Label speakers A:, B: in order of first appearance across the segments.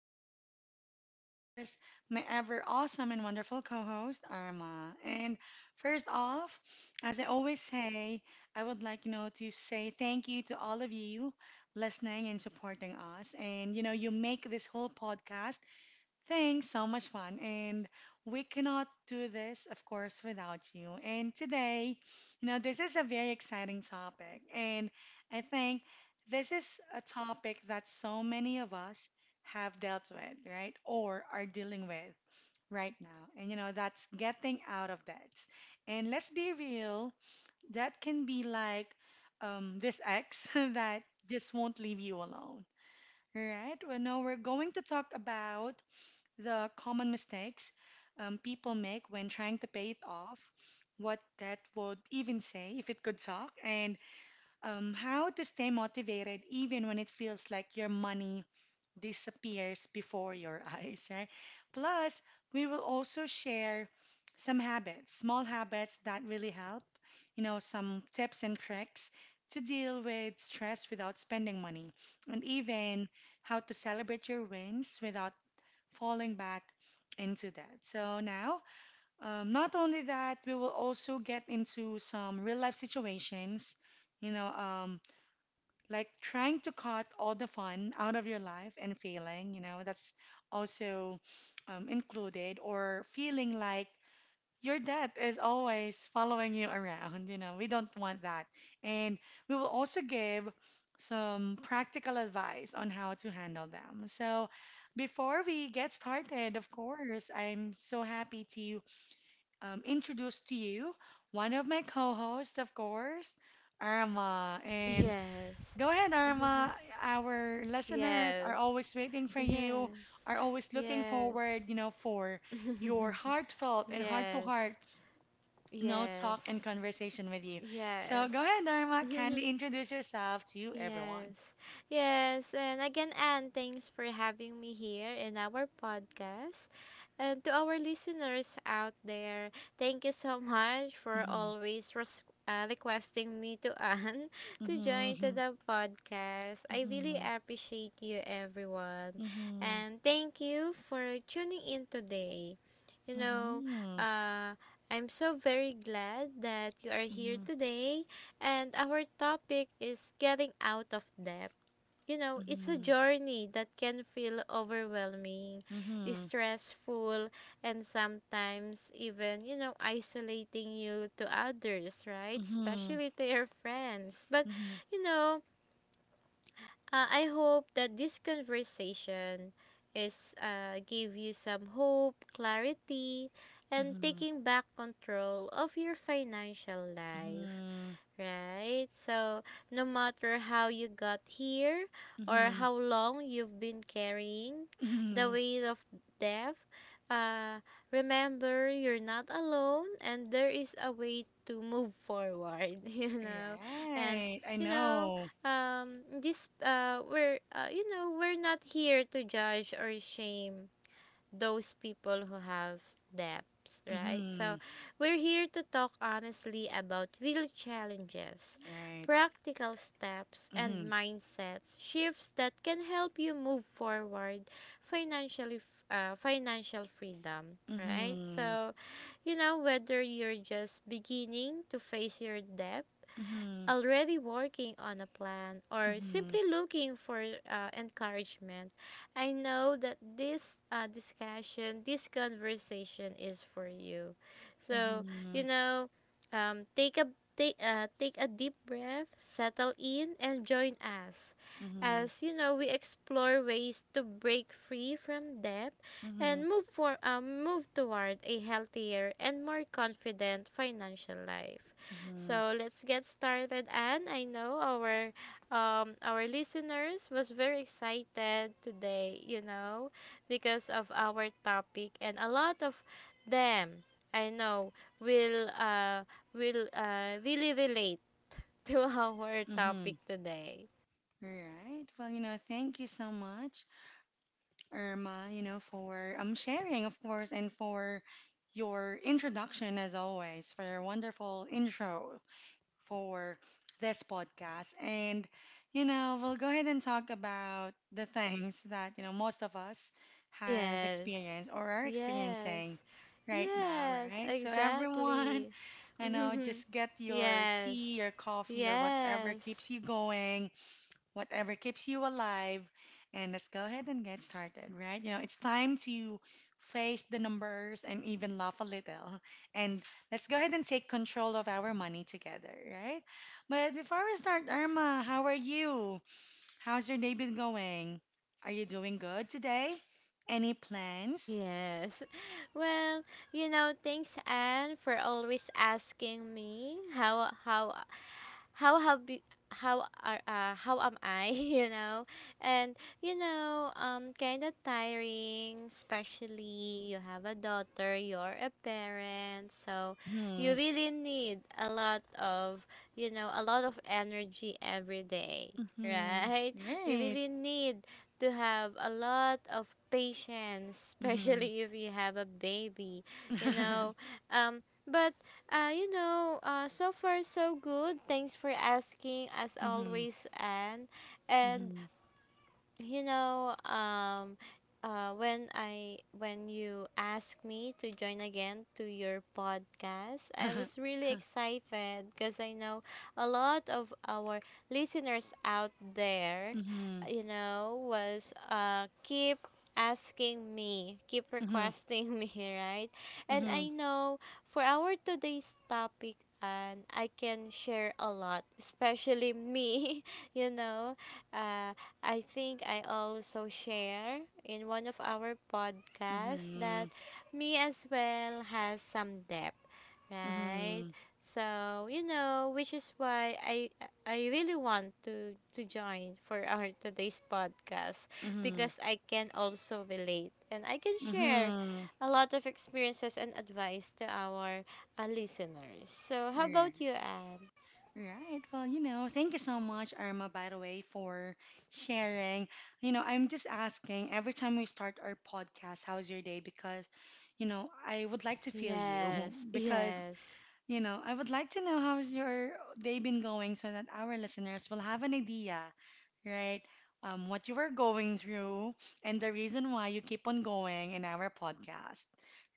A: here with, of course, my ever awesome and wonderful co host, Arma. And first off, as I always say, I would like to say thank you to all of you listening and supporting us. And you make this whole podcast. Thanks, so much fun. And we cannot do this, of course, without you. And today this is a very exciting topic. And I think this is a topic that so many of us have dealt with, right? Or are dealing with right now. And that's getting out of debt. And let's be real, that can be like this ex that just won't leave you alone, right? Well, no, we're going to talk about the common mistakes people make when trying to pay it off, what that would even say if it could talk, and how to stay motivated even when it feels like your money disappears before your eyes, right? Plus, we will also share some habits, small habits that really help some tips and tricks to deal with stress without spending money, and even how to celebrate your wins without falling back into that. So now, not only that, we will also get into some real life situations, you know, um, like trying to cut all the fun out of your life and failing, that's also included, or feeling like your debt is always following you around. We don't want that. And we will also give some practical advice on how to handle them. So, before we get started, of course, I'm so happy to introduce to you one of my co-hosts, of course, Arma. And
B: Yes.
A: go ahead, Arma. Our listeners are
B: Yes.
A: always waiting for you,
B: Yes.
A: are always looking
B: Yes.
A: forward for your heartfelt and
B: Yes.
A: heart-to-heart no talk
B: Yes.
A: and conversation with you. So
B: Yes.
A: go ahead, Norma. Kindly introduce yourself to everyone.
B: Yes. Yes. And again, Anne, thanks for having me here in our podcast. And to our listeners out there, thank you so much for
A: Mhm,
B: always requesting me to Anne to join to
A: mhm,
B: the podcast. I really
A: mhm,
B: appreciate you, everyone.
A: mhm,
B: And thank you for tuning in today. You know,
A: mhm,
B: uh, I'm so very glad that you are
A: mhm,
B: here
A: mhm,
B: today, and our topic is getting out of debt. You know, it's a
A: mhm,
B: journey that can feel overwhelming,
A: mhm,
B: stressful, and sometimes even, you know, isolating you to others, right?
A: mhm,
B: Especially to your friends. But, you know, I hope that this conversation is give you some hope, clarity, and
A: mhm,
B: taking back control of your financial life. Right? So, no matter how you got here
A: mhm,
B: or
A: mhm,
B: how long you've been carrying the
A: mhm.
B: weight of death, uh, remember, you're not alone, and there is a way to move forward, you know. And
A: Right, I
B: you know,
A: know.
B: this we're you know, we're not here to judge or shame those people who have debts, right? So,
A: Mhm.
B: we're here to talk honestly about real challenges,
A: Right.
B: practical steps, and
A: Mhm,
B: mindsets shifts that can help you move forward financially, financial freedom, right?
A: mhm,
B: So, you know, whether you're just beginning to face your debt,
A: mhm,
B: already working on a plan,
A: mhm,
B: or
A: mhm,
B: simply looking for encouragement, I know that this discussion, this conversation is for you. So, you
A: mhm,
B: know, um, take a take a deep breath, settle in, and join us.
A: mhm,
B: As you know, we explore ways to break free from debt and
A: mhm,
B: move toward a healthier and more confident financial life. So let's get started. And I know our listeners was very excited today, you know, because of our topic, and a lot of them, I know, will uh, will really relate to our
A: mhm,
B: topic
A: mhm.
B: today.
A: All right. Well thank you so much, Irma for sharing, of course, and for your introduction as always, for your wonderful intro for this podcast. And we'll go ahead and talk about the things that most of us has
B: Yes,
A: experienced or are
B: yes,
A: experiencing right now,
B: yes,
A: right? So everyone,
B: exactly.
A: I know, just get your
B: Yes,
A: tea, your coffee, or whatever
B: yes.
A: keeps you going, whatever keeps you alive. And let's go ahead and get started, right? You know, it's time to face the numbers and even laugh a little. And let's go ahead and take control of our money together, right? But before we start, Irma, how are you? How's your day been going? Are you doing good today? Any plans?
B: Yes. Well, you know, thanks Anne for always asking me how have you how are how am I, you know? And you know, um, kind of tiring, especially you have a daughter, you're a parent, so you
A: Mm-hmm.
B: really need a lot of, you know, a lot of energy every day,
A: Mm-hmm.
B: right? You
A: Right.
B: really need to have a lot of patience,
A: Mm-hmm.
B: especially if you have a baby, you know. But you know, so far so good. Thanks for asking, as
A: Mm-hmm.
B: always, Anne. And
A: Mm-hmm.
B: you know, when you asked me to join again to your podcast, I was really excited because I know a lot of our listeners out there,
A: Mm-hmm.
B: you know, was keep asking me, keep
A: Mm-hmm.
B: requesting me, right? And
A: Mm-hmm.
B: I know for our today's topic, and I can share a lot, especially me, you know. uh I think I also share in one of our podcasts
A: Mm-hmm.
B: that me as well has some debt, right?
A: Mm-hmm.
B: So, you know, which is why I really want to join for our today's podcast
A: Mm-hmm.
B: because I can also relate, and I can share
A: Mm-hmm.
B: a lot of experiences and advice to our listeners. So, how
A: Mm.
B: about you, Anne?
A: Right. Well thank you so much, Irma, by the way, for sharing. I'm just asking every time we start our podcast, how's your day? Because I would like to feel you.
B: Yes,
A: Because
B: yes.
A: I would like to know how's your day been going, so that our listeners will have an idea, right? What you were going through and the reason why you keep on going in our podcast,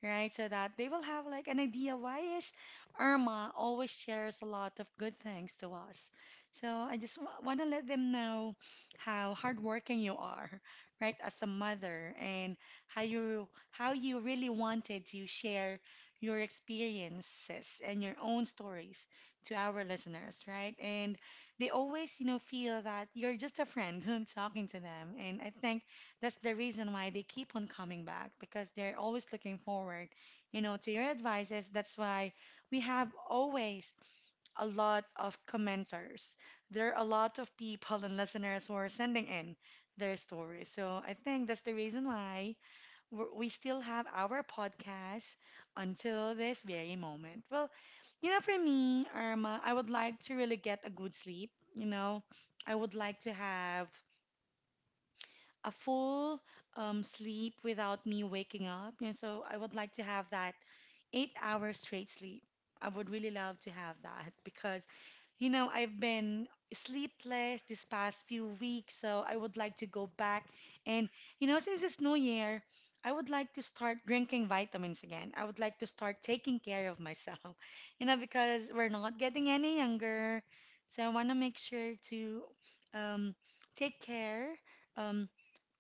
A: right? So that they will have like an idea why is Irma always shares a lot of good things to us. So I just w want to let them know how hardworking you are, right, as a mother, and how you really wanted to share your experiences and your own stories to our listeners, right? And they always feel that you're just a friend talking to them. And I think that's the reason why they keep on coming back, because they're always looking forward to your advices. That's why we have always a lot of commenters. There are a lot of people and listeners who are sending in their stories. So I think that's the reason why we still have our podcast until this very moment. Well for me, Irma, I would like to really get a good sleep. I would like to have a full sleep without me waking up. So I would like to have that 8-hour straight sleep. I would really love to have that because I've been sleepless this past few weeks, so I would like to go back. And since it's New Year, I would like to start drinking vitamins again. I would like to start taking care of myself, because we're not getting any younger. So I want to make sure to um, take care. Um,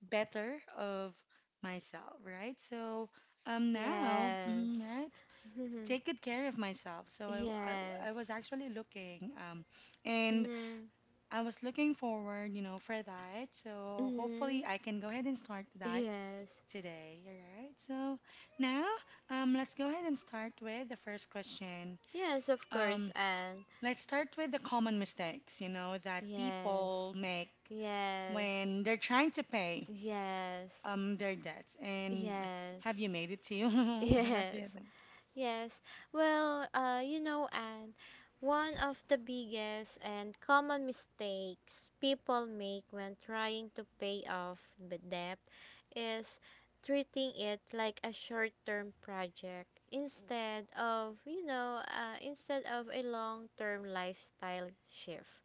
A: Better of myself, right? So now,
B: Yes.
A: right, to
B: Mhm.
A: take good care of myself. So I, I
B: Yes.
A: was actually looking and
B: Mm-hmm.
A: I was looking forward for that. So hopefully
B: Mm-hmm.
A: I can go ahead and start that
B: Yes.
A: today, all right? So now let's go ahead and start with the first question.
B: Yes, of course,
A: Um
B: and
A: let's start with the common mistakes that
B: yes.
A: people make
B: Yes.
A: when they're trying to pay
B: Yes.
A: their debts, and
B: Yes.
A: have you made it to you? What do you
B: Yes.
A: think?
B: Yes. Well, you know, and one of the biggest and common mistakes people make when trying to pay off the debt is treating it like a short-term project instead of, you know, instead of a long-term lifestyle shift.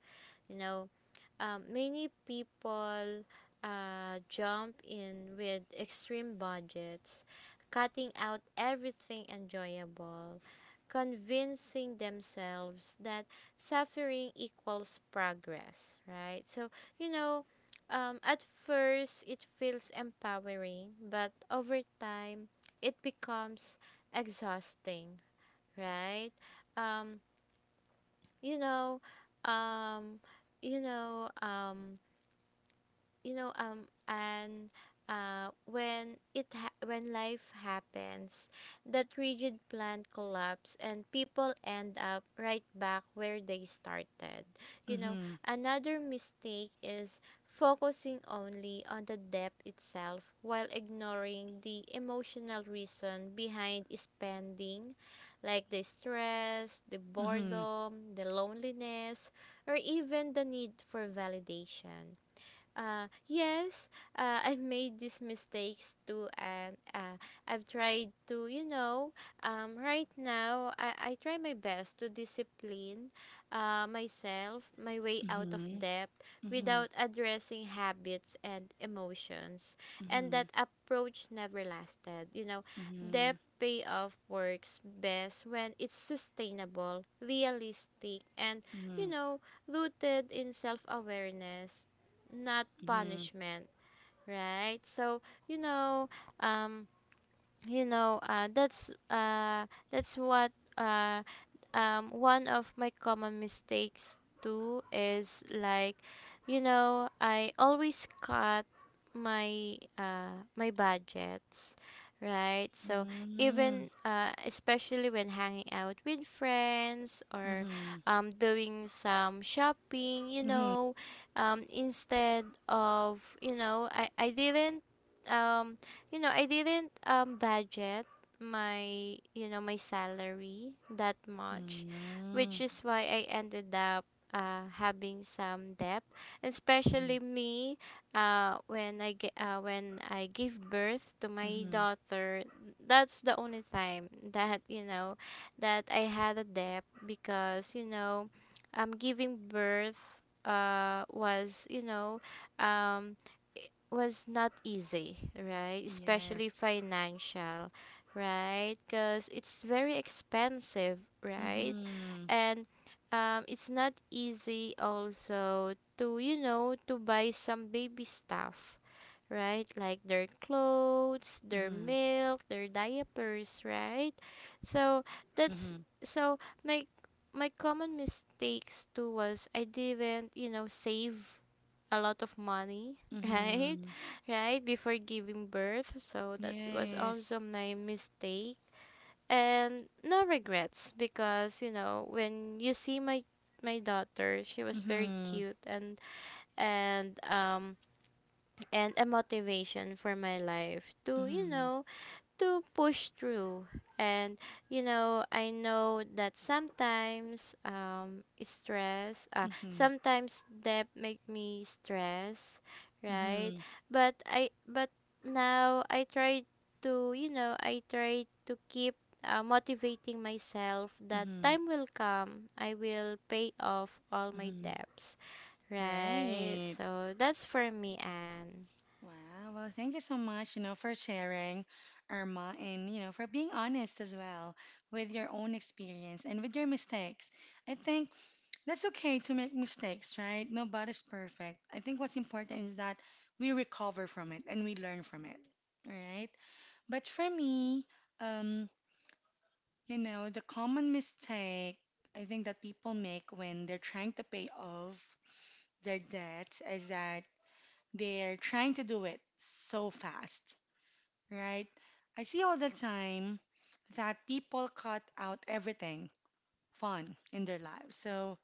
B: You know, many people jump in with extreme budgets, cutting out everything enjoyable, convincing themselves that suffering equals progress, right? So, you know, at first it feels empowering, but over time it becomes exhausting, right? Um, you know, um, you know, you know and when it ha- when life happens, that rigid plan collapse, and people end up right back where they started, you know.
A: Mm-hmm.
B: Another mistake is focusing only on the debt itself while ignoring the emotional reason behind spending, like the stress, the
A: Mm-hmm.
B: boredom, the loneliness, or even the need for validation. Yes, I've made these mistakes too, and I've tried to, you know, right now, I try my best to discipline myself, my way out of
A: Mm-hmm.
B: debt,
A: Mm-hmm.
B: without addressing habits and emotions. And
A: Mm-hmm.
B: that approach never lasted. You know,
A: Mm-hmm.
B: debt payoff works best when it's sustainable, realistic, and,
A: Mm-hmm.
B: you know, rooted in self awareness, not
A: Mm-hmm.
B: punishment, right? So, you know, um, that's what uh, one of my common mistakes too is like, you know, I always cut my my budgets, right? So,
A: Mm-hmm.
B: even especially when hanging out with friends
A: Mm-hmm.
B: or
A: Mm-hmm.
B: um, doing some shopping, you know, instead of you know I didn't um you know I didn't budget my, you know, my salary that much, which is why I ended up having some debt,
A: Mm-hmm.
B: especially me, when I give birth to my
A: Mm-hmm.
B: daughter. That's the only time that, you know, that I had a debt, because, you know, um, giving birth was, you know, um, was not easy, right? Especially
A: Yes.
B: financial, right? Because it's very expensive, right?
A: Mm-hmm.
B: And it's not easy also to, you know, to buy some baby stuff, right? Like their clothes, their
A: Mm-hmm.
B: milk, their diapers, right? So that's,
A: Mm-hmm.
B: so my my common mistakes too was I didn't, you know, save a lot of money, right?
A: Mm-hmm.
B: Right before giving birth, so that was
A: Yes.
B: also my mistake. And no regrets, because you know, when you see my my daughter, she was very
A: Mm-hmm.
B: cute, and um, and a motivation for my life to, you
A: Mm-hmm.
B: know, to push through. And you know, I know that sometimes um, stress,
A: Mm-hmm.
B: sometimes debt make me stress, right?
A: Mm-hmm.
B: But now I try to, you know, I try to keep motivating myself that
A: Mm-hmm.
B: time will come. I will pay off all my
A: Mm-hmm.
B: debts, right?
A: Right.
B: So that's for me, Anne.
A: Wow. Well, thank you so much for sharing, Irma, and for being honest as well with your own experience and with your mistakes. I think that's okay to make mistakes, right? Nobody's perfect. I think what's important is that we recover from it and we learn from it, all right? But for me, um, the common mistake I think that people make when they're trying to pay off their debts is that they're trying to do it so fast, right? I see all the time that people cut out everything fun in their lives. So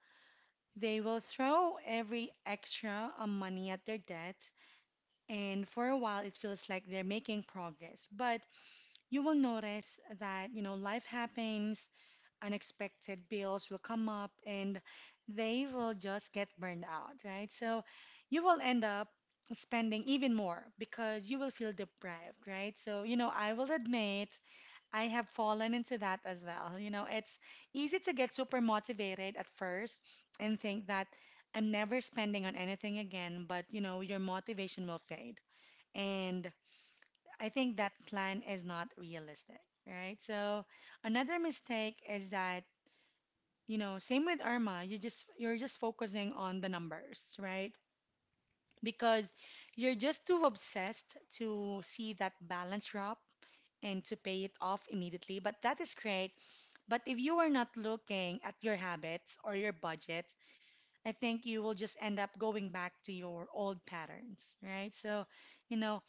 A: they will throw every extra money at their debt, and for a while it feels like they're making progress. But you will notice that life happens, unexpected bills will come up, and they will just get burned out, right? So you will end up spending even more because you will feel deprived, right? So I will admit I have fallen into that as well. It's easy to get super motivated at first and think that I'm never spending on anything again, but your motivation will fade. And I think that plan is not realistic, right? So another mistake is that same with Irma, you're just focusing on the numbers, right? Because you're just too obsessed to see that balance drop and to pay it off immediately, but that is great. But if you are not looking at your habits or your budget, I think you will just end up going back to your old patterns, right? So, you know,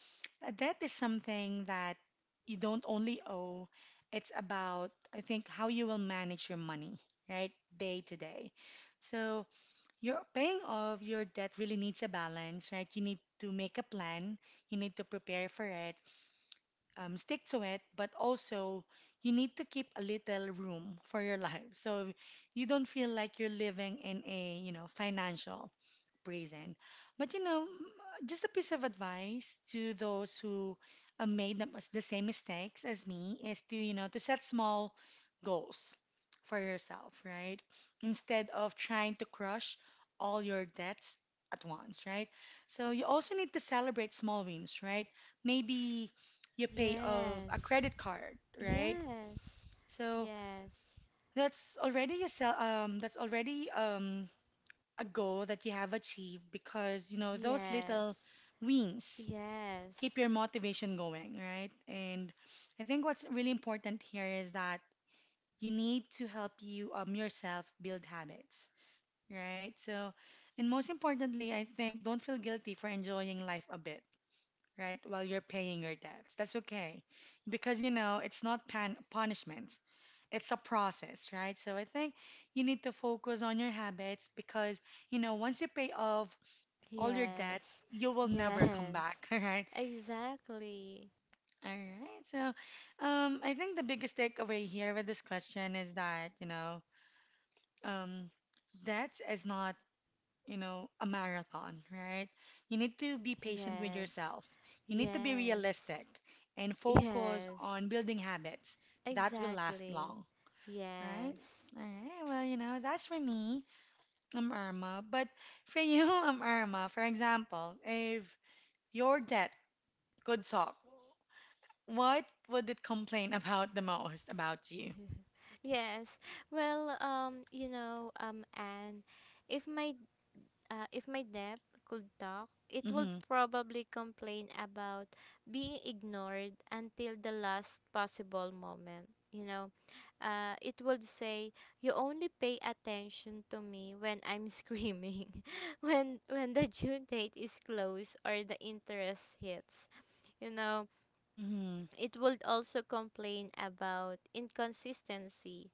A: that is something that you don't only owe, it's about, I think, how you will manage your money, right? Day to day. So, your paying off your debt really needs a balance, right? You need to make a plan, you need to prepare for it, stick to it, but also you need to keep a little room for your life, so you don't feel like you're living in a financial reason. But just a piece of advice to those who made the same mistakes as me is to set small goals for yourself, right? Instead of trying to crush all your debts at once, right? So you also need to celebrate small wins, right? Maybe you pay off a
B: Yes.
A: credit card, right?
B: Yes,
A: So
B: yes,
A: that's already a goal that you have achieved, because those little
B: yes,
A: wins keep
B: yes,
A: your motivation going, right? And I think what's really important here is that you need to help yourself build habits, right? So, and most importantly, I think don't feel guilty for enjoying life a bit, right? While you're paying your debts. That's okay. Because it's not punishment. It's a process, right? So I think you need to focus on your habits, because once you pay off all your
B: yes,
A: debts, you will never come
B: yes,
A: back. All right.
B: exactly.
A: All right. So, I think the biggest takeaway here with this question is thatum, debts is not a marathon, right? You need to be patient with
B: Yes,
A: yourself. You need to be
B: yes,
A: realistic and focus
B: yes,
A: on building habits that will last
B: exactly.
A: long, right?
B: Yes.
A: All right. Well, you know, that's for me. I'm Irma. But for you, I'm Irma. For example, if your debt could talk. What would it complain about the most about you?
B: Yes. Well, you know, Anne, if my if my depth could talk, it would
A: Mm-hmm.
B: probably complain about being ignored until the last possible moment. You know, it would say, "You only pay attention to me when I'm screaming, when the due date is close or the interest hits." You know,
A: Mm-hmm.
B: it would also complain about inconsistency,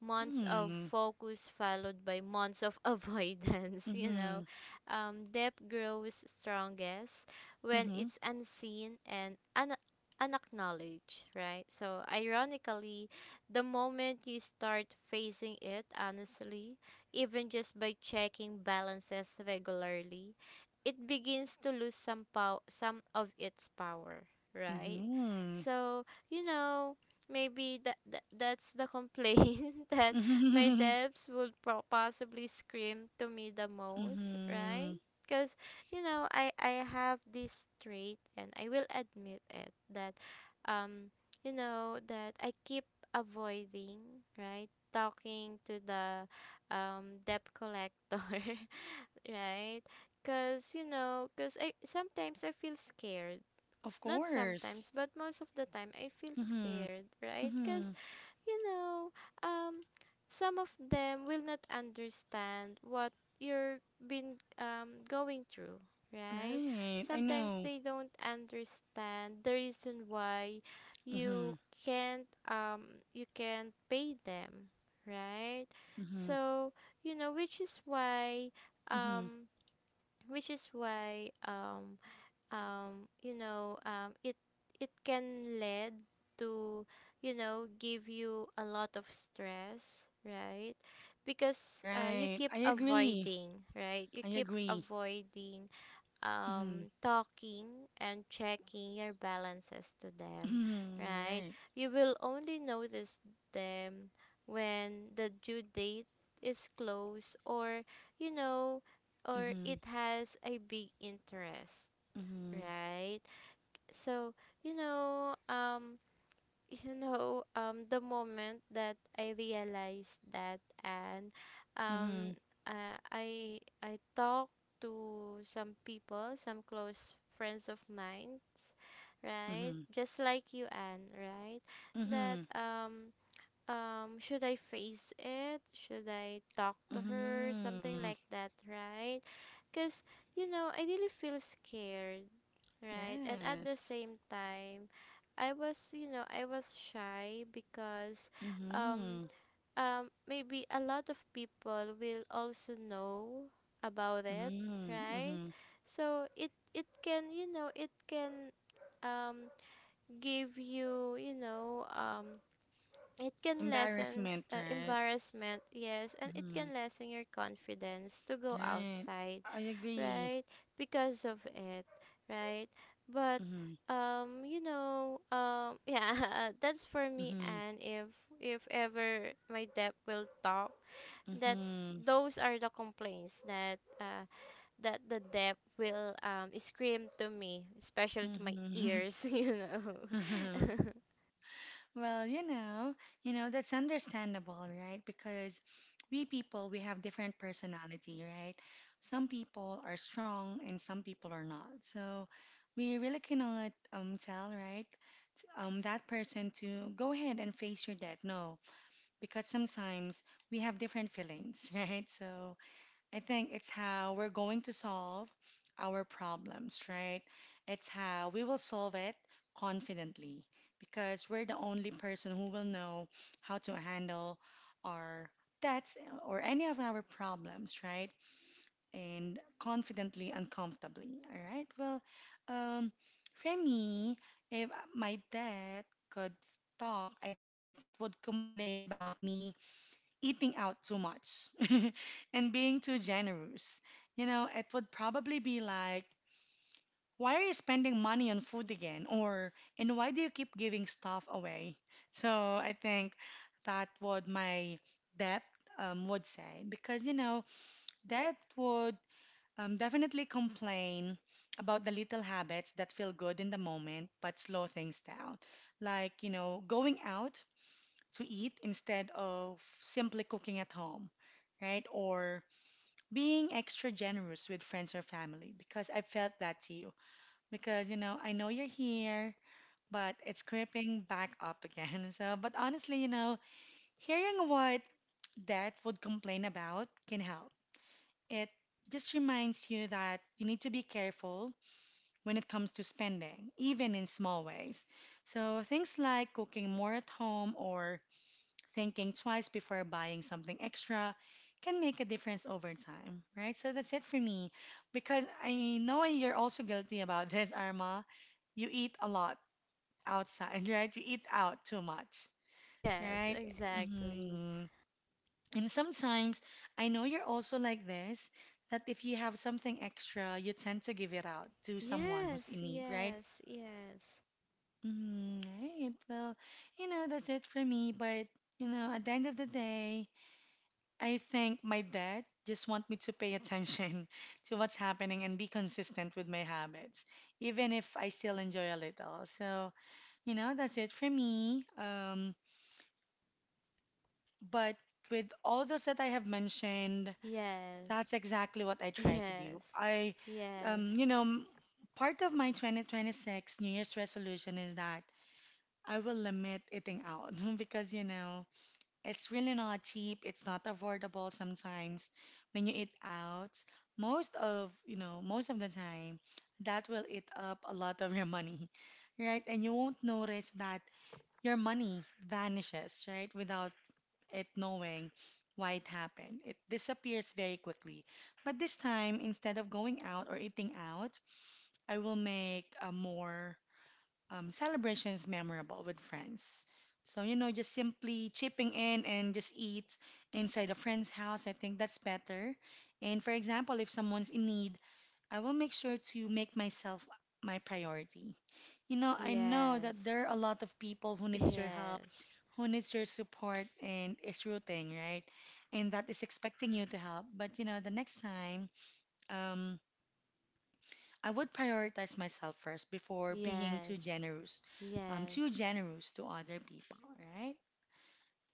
B: months of
A: Mm-hmm.
B: focus followed by months of avoidance, you
A: Mm-hmm.
B: know. Um, depth grows strongest when
A: Mm-hmm.
B: it's unseen and unacknowledged, right? So ironically, the moment you start facing it honestly, even just by checking balances regularly, it begins to lose some of its power, right?
A: Mm-hmm.
B: So you know, maybe that's the complaint that my
A: Mm-hmm.
B: devs would possibly scream to me the most, right?
A: Mm-hmm.
B: Because, you know, I have this trait, and I will admit it, that um, you know, that I keep avoiding, right, talking to the um, debt collector. Right? Because you know, because I sometimes I feel scared,
A: Of
B: not
A: course.
B: sometimes, but most of the time I feel
A: Mm-hmm.
B: scared, right? Because,
A: Mm-hmm.
B: you know, um, some of them will not understand what you're been going through, right?
A: Right. I
B: Sometimes
A: know.
B: they don't understand the reason why
A: Mm-hmm.
B: you can't um, you can't pay them, right?
A: Mm-hmm.
B: So, you know, which is why
A: Mm-hmm.
B: um which is why um you know, it can lead to, you know, give you a lot of stress, right? Because you
A: Right. I
B: keep
A: agree.
B: avoiding, right? You
A: I
B: keep
A: agree.
B: avoiding
A: Mm-hmm.
B: talking and checking your balances to them,
A: Mm-hmm.
B: right?
A: Right.
B: You will only notice them when the due date is close, or, you know, or
A: Mm-hmm.
B: it has a big interest,
A: Mm-hmm.
B: right? So you know, um, you know um, the moment that I realized that, and
A: Mm-hmm.
B: um, uh, i I talked to some people, some close friends of mine, right,
A: Mm-hmm.
B: just like you, and right, that
A: Mm-hmm.
B: um, um, should I face it, should I talk to her, something
A: Mm-hmm.
B: like that, right? Because you know, I really feel scared, right, and at the
A: Yes.
B: same time, I was, you know, I was shy because um,
A: Mm-hmm.
B: um, maybe a lot of people will also know about it,
A: Mm,
B: right?
A: mm-hmm.
B: So it can, you know, it can um, give you, you know, um, it can lessen
A: Embarrassment, right?
B: embarrassment, yes, and it
A: Mm-hmm.
B: can lessen your confidence to go
A: Right.
B: outside,
A: I agree.
B: right? Because of it, right? But
A: Mm-hmm.
B: you know, yeah, that's for me.
A: Mm-hmm.
B: And if ever my dep will talk, that's,
A: Mm-hmm.
B: those are the complaints that that the dep will um, scream to me, especially to my
A: Mm-hmm.
B: ears, you know.
A: Well, you know, that's understandable, right? Because we people, we have different personality, right? Some people are strong and some people are not. So we really cannot tell, right? That person to go ahead and face your death. No. Because sometimes we have different feelings, right? So I think it's how we're going to solve our problems, right? It's how we will solve it confidently because we're the only person who will know how to handle our debts or any of our problems, right? And confidently and comfortably, all right? Well, um, for me, if my dad could talk, I think it would complain about me eating out too much and being too generous. You know, it would probably be like, why are you spending money on food again? Or, and why do you keep giving stuff away? So I think that what my dad would say, because, you know, dad would definitely complain about the little habits that feel good in the moment but slow things down. Like, you know, going out to eat instead of simply cooking at home, right? Or being extra generous with friends or family because I felt that too. Because, you know, I know you're here, but it's creeping back up again. So, but honestly, you know, hearing what that would complain about can help. It just reminds you that you need to be careful when it comes to spending, even in small ways. So, things like cooking more at home or thinking twice before buying something extra can make a difference over time, right? So that's it for me. Because I know you're also guilty about this, Arma. You eat a lot outside, right? You eat out too much,
B: Yes,
A: right?
B: exactly.
A: Hmm. And sometimes I know you're also like this, that if you have something extra, you tend to give it out to someone who's
B: Yes,
A: in need, right?
B: yes, yes,
A: Mm, right. Well, you know, that's it for me. But, you know, at the end of the day, I think my dad just want me to pay attention to what's happening and be consistent with my habits, even if I still enjoy a little. So, you know, that's it for me. But with all those that I have mentioned, that's
B: yes,
A: exactly what I try to do.
B: yes,
A: I,
B: yes,
A: you know, m- Part of my 2026 New Year's resolution is that I will limit eating out because, you know, it's really not cheap. It's not affordable sometimes when you eat out. Most of, you know, most of the time, that will eat up a lot of your money, right? And you won't notice that your money vanishes, right? Without it knowing why it happened. It disappears very quickly. But this time, instead of going out or eating out, I will make a more celebrations memorable with friends. So, you know, just simply chipping in and just eat inside a friend's house, I think that's better. And for example, if someone's in need, I will make sure to make myself my priority. You know, I know
B: yes,
A: that there are a lot of people who needs your help, who needs your support and is rooting, right? And that is expecting you to help. But you know, the next time, um, I would prioritize myself first before being
B: yes, yes,
A: too
B: yes,
A: generous to other people, right?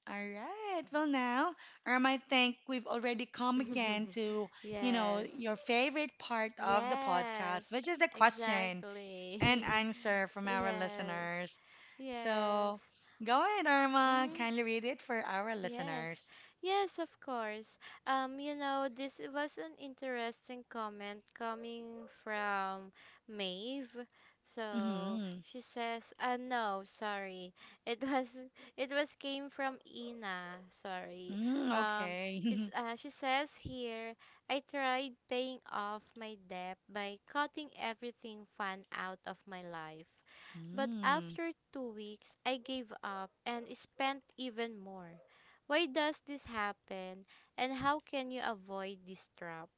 A: All right. Well, now, Irma, I think we've already come again to, you know,
B: yes,
A: your favorite part of the
B: yes,
A: podcast, which is the question and
B: exactly.
A: answer from our
B: Yes,
A: listeners.
B: yes.
A: So, go ahead, Irma.
B: Mm.
A: Kindly read it for our
B: Yes,
A: listeners.
B: yes, of course. You know, this was an interesting comment coming from Maeve. So
A: Mm-hmm.
B: she says, no, sorry. It was it was came from Ina. Sorry.
A: Mm,
B: Um, it's
A: okay.
B: she says here, I tried paying off my debt by cutting everything fun out of my life, but
A: Mm,
B: after 2 weeks, I gave up and spent even more." Why does this happen? And how can you avoid this trap?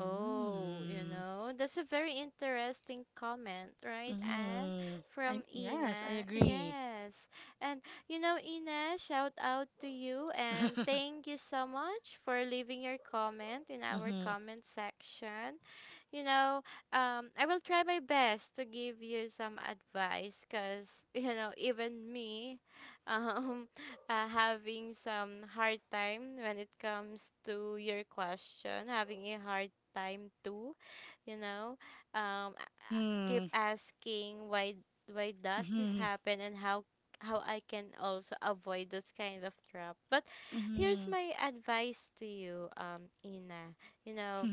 B: Oh, you know, that's a very interesting comment, right, and
A: Mm-hmm. I
B: from
A: yes, I
B: Ina.
A: agree.
B: Yes. And, you know, Ina, shout out to you and thank you so much for leaving your comment in our
A: Mm-hmm.
B: comment section, you know, I will try my best to give you some advice because, you know, even me, um, having some hard time when it comes to your question, having a hard time too, you know, I keep
A: Mm-hmm.
B: asking why does this
A: Mm-hmm.
B: happen, and how I can also avoid those kind of trap. But here's
A: Mm-hmm.
B: my advice to you, Ina. You know,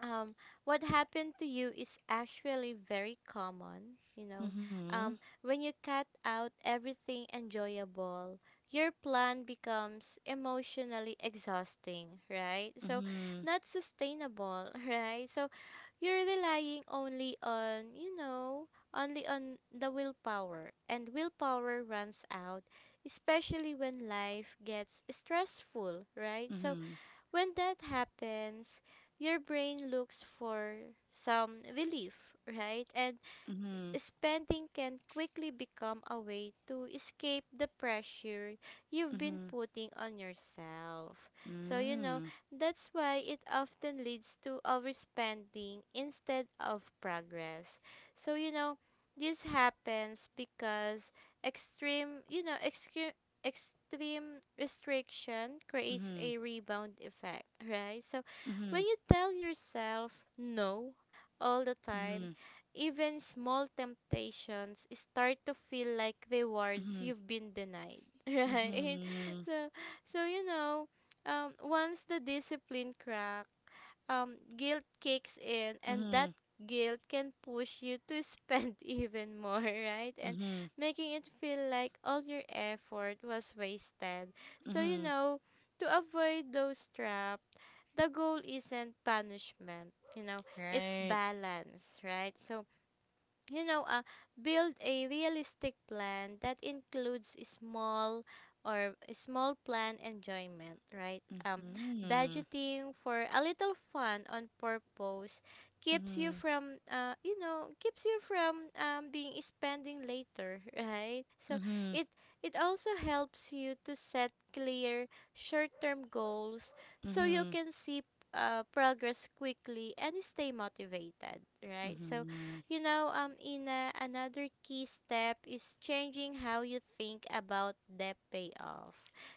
B: um, what happened to you is actually very common. You know,
A: Mm-hmm.
B: when you cut out everything enjoyable, your plan becomes emotionally exhausting, right? So,
A: Mm-hmm.
B: not sustainable, right? So, you're relying only on, you know, only on the willpower, and willpower runs out, especially when life gets stressful, right? So,
A: Mm-hmm.
B: when that happens, your brain looks for some relief, right? And
A: Mm-hmm. Mm-hmm.
B: spending can quickly become a way to escape the pressure you've been putting on yourself. So, you know,
A: Mm-hmm.
B: that's why it often leads to overspending instead of progress. So, you know, this happens because extreme, you know, extreme restriction creates
A: Mm-hmm.
B: a rebound effect, right? So,
A: Mm-hmm. Mm-hmm.
B: when you tell yourself no all the
A: Mm-hmm.
B: time, even small temptations start to feel like rewards
A: Mm-hmm.
B: you've been denied, right. So, so you know, once the discipline crack, guilt kicks in, and
A: Mm-hmm.
B: that guilt can push you to spend even more, right, and
A: Mm-hmm.
B: making it feel like all your effort was wasted. So, you
A: Mm-hmm.
B: know, to avoid those traps, the goal isn't punishment, you know, it's
A: Right.
B: balance, right? So, you know, build a realistic plan that includes small, or a small plan enjoyment, right?
A: Mm-hmm.
B: Budgeting for a little fun on purpose keeps you
A: Mm-hmm.
B: from, you know, keeps you from, being spending later, right? So
A: Mm-hmm.
B: it it also helps you to set clear short-term goals so you
A: Mm-hmm.
B: can see progress quickly and stay motivated, right? So
A: Mm-hmm.
B: you know, Ina, another key step is changing how you think about debt payoff.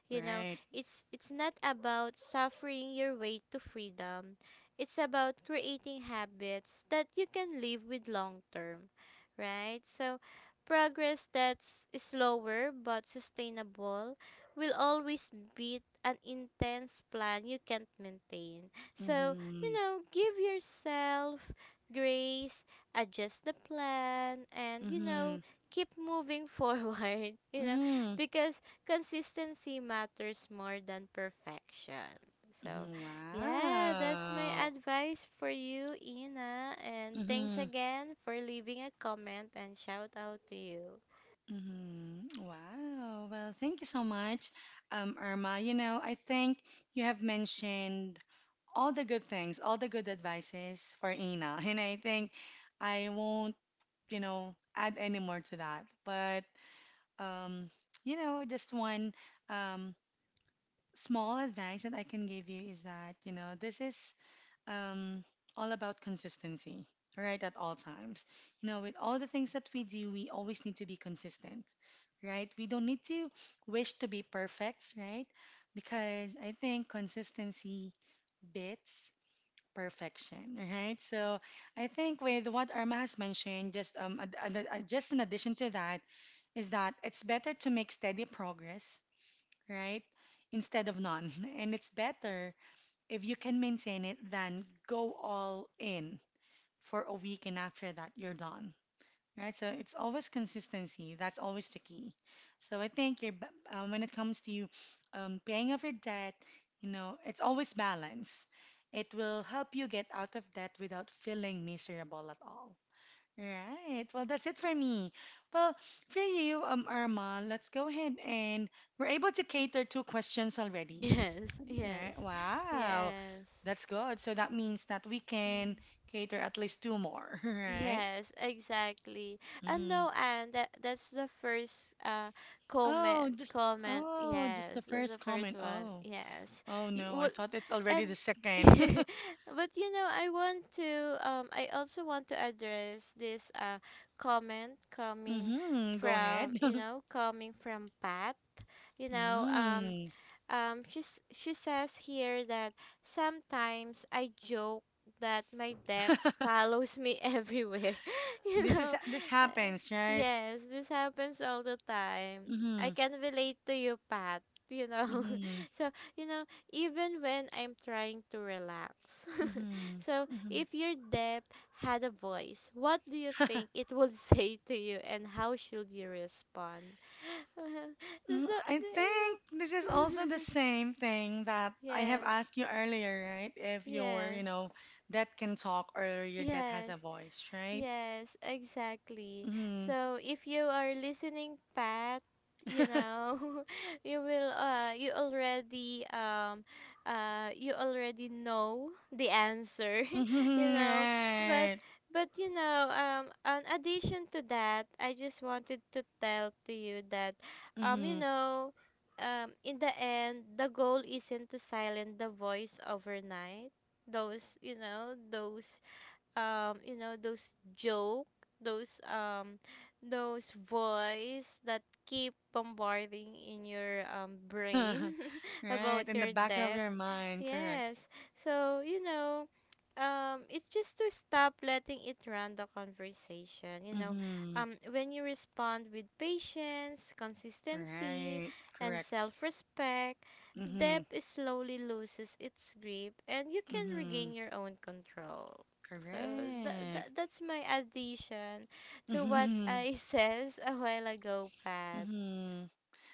B: You know,
A: Right.
B: it's not about suffering your way to freedom. It's about creating habits that you can live with long term, right? So, progress that's slower but sustainable will always beat an intense plan you can't maintain. So, you
A: Mm-hmm.
B: know, give yourself grace, adjust the plan, and you
A: Mm-hmm.
B: know, keep moving forward, you know,
A: Mm-hmm.
B: because consistency matters more than perfection. So
A: Mm-hmm.
B: yeah, that's my
A: Wow.
B: advice for you, Ina, and thanks
A: Mm-hmm.
B: again for leaving a comment and shout out to you.
A: Mm-hmm. Wow. Well, thank you so much, Irma. You know, I think you have mentioned all the good things, all the good advices for Ina, and I think I won't, you know, add any more to that. But um, you know, just one um, small advice that I can give you is that, you know, this is um, all about consistency, right? At all times. You know, with all the things that we do, we always need to be consistent, right? We don't need to wish to be perfect, right? Because I think consistency beats perfection, right? So I think with what Irma has mentioned, just just in addition to that, is that it's better to make steady progress, right? Instead of none. And it's better if you can maintain it, then go all in for a week, and after that, you're done. Right? So it's always consistency. That's always the key. So I think when it comes to paying off your debt, you know, it's always balance. It will help you get out of debt without feeling miserable at all. Right. Well, that's it for me. Well, for you, Irma, let's go ahead and we're able to cater two questions already.
B: Yes, yes,
A: Right. Wow.
B: yes.
A: That's good. So that means that we
B: Mhm.
A: can cater at least two more, right?
B: Yes, exactly. And
A: Mm-hmm.
B: no, and that that's the first
A: Oh,
B: comment comment.
A: just the
B: Yes, that's
A: first
B: the first
A: comment.
B: one.
A: Oh.
B: Yes,
A: Oh
B: you,
A: no, I
B: what,
A: thought it's already
B: and
A: the second.
B: but you know, I want to I also want to address this comment coming
A: Mm-hmm. Go ahead.
B: from, you know, coming from Pat. You know,
A: Mm.
B: she says here that sometimes I joke that my debt follows me everywhere. You
A: This is
B: know.
A: this
B: Uh,
A: happens, right?
B: yes, this happens all the time. I
A: Mm-hmm.
B: can relate to you, Pat. You know,
A: Mm-hmm.
B: so you know, even when I'm trying to relax.
A: Mm-hmm.
B: So,
A: Mm-hmm.
B: if your debt had a voice, what do you think it would say to you, and how should you respond? So,
A: Mm, I
B: you
A: think this
B: know.
A: is also the same thing that I have
B: Yes,
A: asked you earlier, right? If your you
B: yes,
A: know, that can talk or your that has
B: yes.
A: a voice, right?
B: Yes, exactly.
A: Mm-hmm.
B: So if you are listening, Pat, you know, you will you already know the answer, you
A: Mm-hmm,
B: know. But
A: right.
B: but you know, in addition to that, I just wanted to tell to you that you
A: Mm-hmm.
B: know, in the end, the goal isn't to silence the voice overnight. Those, you know, those you know those joke, those um those voice that keep bombarding in your brain
A: Right,
B: about
A: in the
B: your
A: back of
B: debt.
A: your mind, correct.
B: Yes. So, you know, it's just to stop letting it run the conversation. You know,
A: Mm-hmm.
B: when you respond with patience, consistency,
A: Right,
B: and
A: correct.
B: self respect,
A: Mm-hmm.
B: depth slowly loses its grip and you can
A: Mm-hmm.
B: regain your own control. So that, that
A: Correct.
B: that's my addition to what I says a while ago, Pat.
A: Mm-hmm.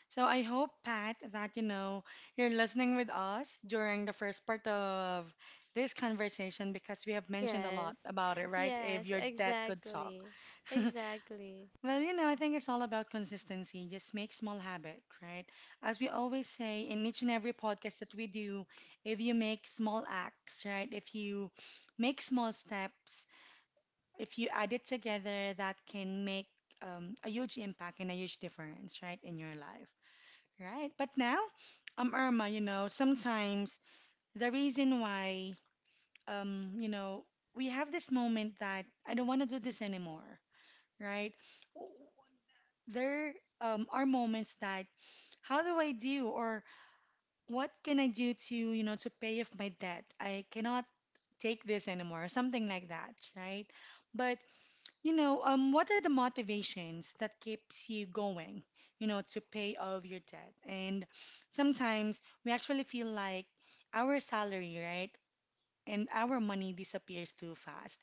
A: So I hope, Pat, that you know you're listening with us during the first part of this conversation because we have mentioned a
B: Yes.
A: lot about it, right?
B: Yes,
A: If you're that good talk.
B: exactly. Exactly.
A: Well, you know, I think it's all about consistency. Just make small habit, right? As we always say in each and every podcast that we do, if you make small acts, right? If you make small steps, if you add it together, that can make a huge impact and a huge difference, right, in your life. Right. But now, Irma, you know, sometimes the reason why, you know, we have this moment that I don't want to do this anymore, right? W- There, are moments that how do I do or what can I do to, you know, to pay off my debt? I cannot take this anymore, something like that, right? But you know, what are the motivations that keeps you going, you know, to pay off your debt? And sometimes we actually feel like our salary, right, and our money disappears too fast.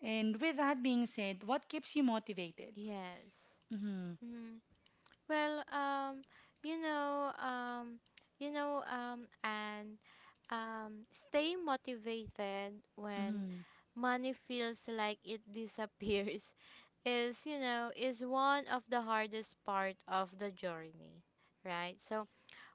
A: And with that being said, what keeps you motivated?
B: Yes.
A: Mm-hmm,
B: Mm. Well, you know, um, you know, and stay motivated when
A: mm-hmm,
B: money feels like it disappears is, you know, is one of the hardest part of the journey, right? So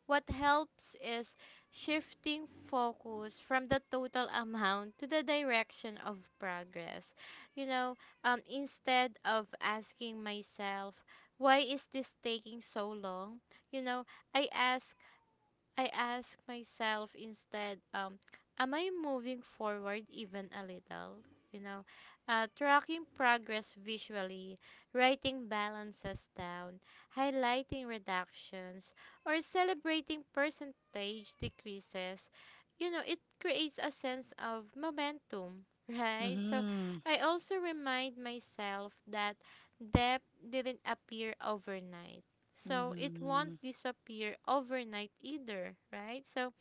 B: what helps is shifting focus from the total amount to the direction of progress. You know, instead of asking myself, why is this taking so long? You know, I ask I ask myself instead, am I moving forward even a little? You know, tracking progress visually, writing balances down, highlighting reductions, or celebrating percentage decreases, you know, it creates a sense of momentum, right? So I also remind myself that depth didn't appear overnight so it won't
A: mm-hmm,
B: disappear overnight either, right? So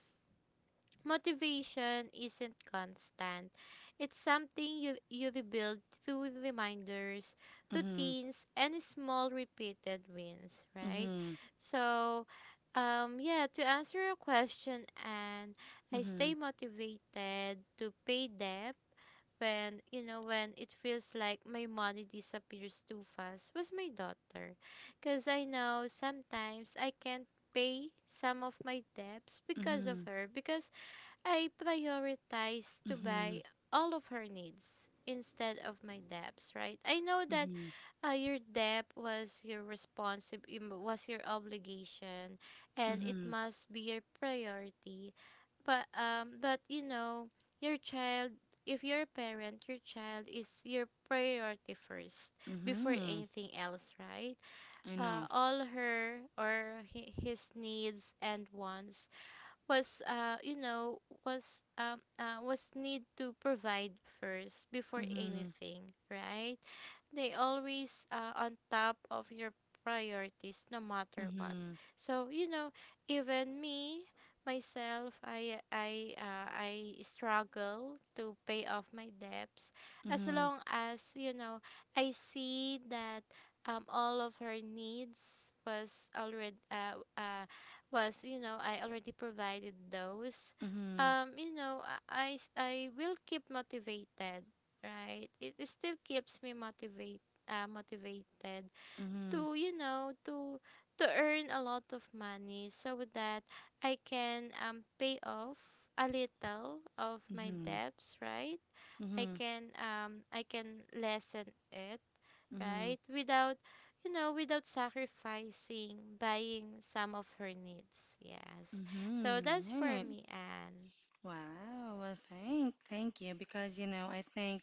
B: motivation isn't constant. It's something you rebuild through reminders,
A: mm-hmm,
B: routines, and small repeated wins, right?
A: mm-hmm,
B: So yeah, to answer your question, and I
A: mm-hmm,
B: stay motivated to pay debt when, you know, when it feels like my money disappears too fast was my daughter, because I know sometimes I can't pay some of my debts because of
A: mm-hmm,
B: her, because I prioritize to
A: mm-hmm,
B: buy all of her needs instead of my debts, right? I know that
A: mm-hmm,
B: your debt was your responsi- im- was your obligation
A: mm-hmm,
B: and it
A: mm-hmm,
B: must be your priority. But but you know, your child, if you're a parent, your child is your priority first before
A: mm-hmm.
B: anything else, right?
A: I know.
B: All her or his needs and wants was you know was need to provide first before
A: Mm-hmm,
B: anything, right? They always, on top of your priorities no matter what.
A: mm-hmm,
B: So you know, even me myself, I struggle to pay off my debts. As
A: mm-hmm,
B: long as you know, I see that all of her needs was already was, you know, I already provided those,
A: mm-hmm.
B: you know, I will keep motivated, right, it still keeps me motivate, motivated
A: Mm-hmm.
B: to, you know, to earn a lot of money so that I can pay off a little of my
A: Mhm.
B: debts, right?
A: Mhm.
B: I can lessen it,
A: Mhm.
B: right? Without, you know, without sacrificing buying some of her needs. Yes. So
A: Mhm.
B: that's
A: All
B: for
A: right.
B: me, Anne.
A: Wow. Well, thank you because you know I think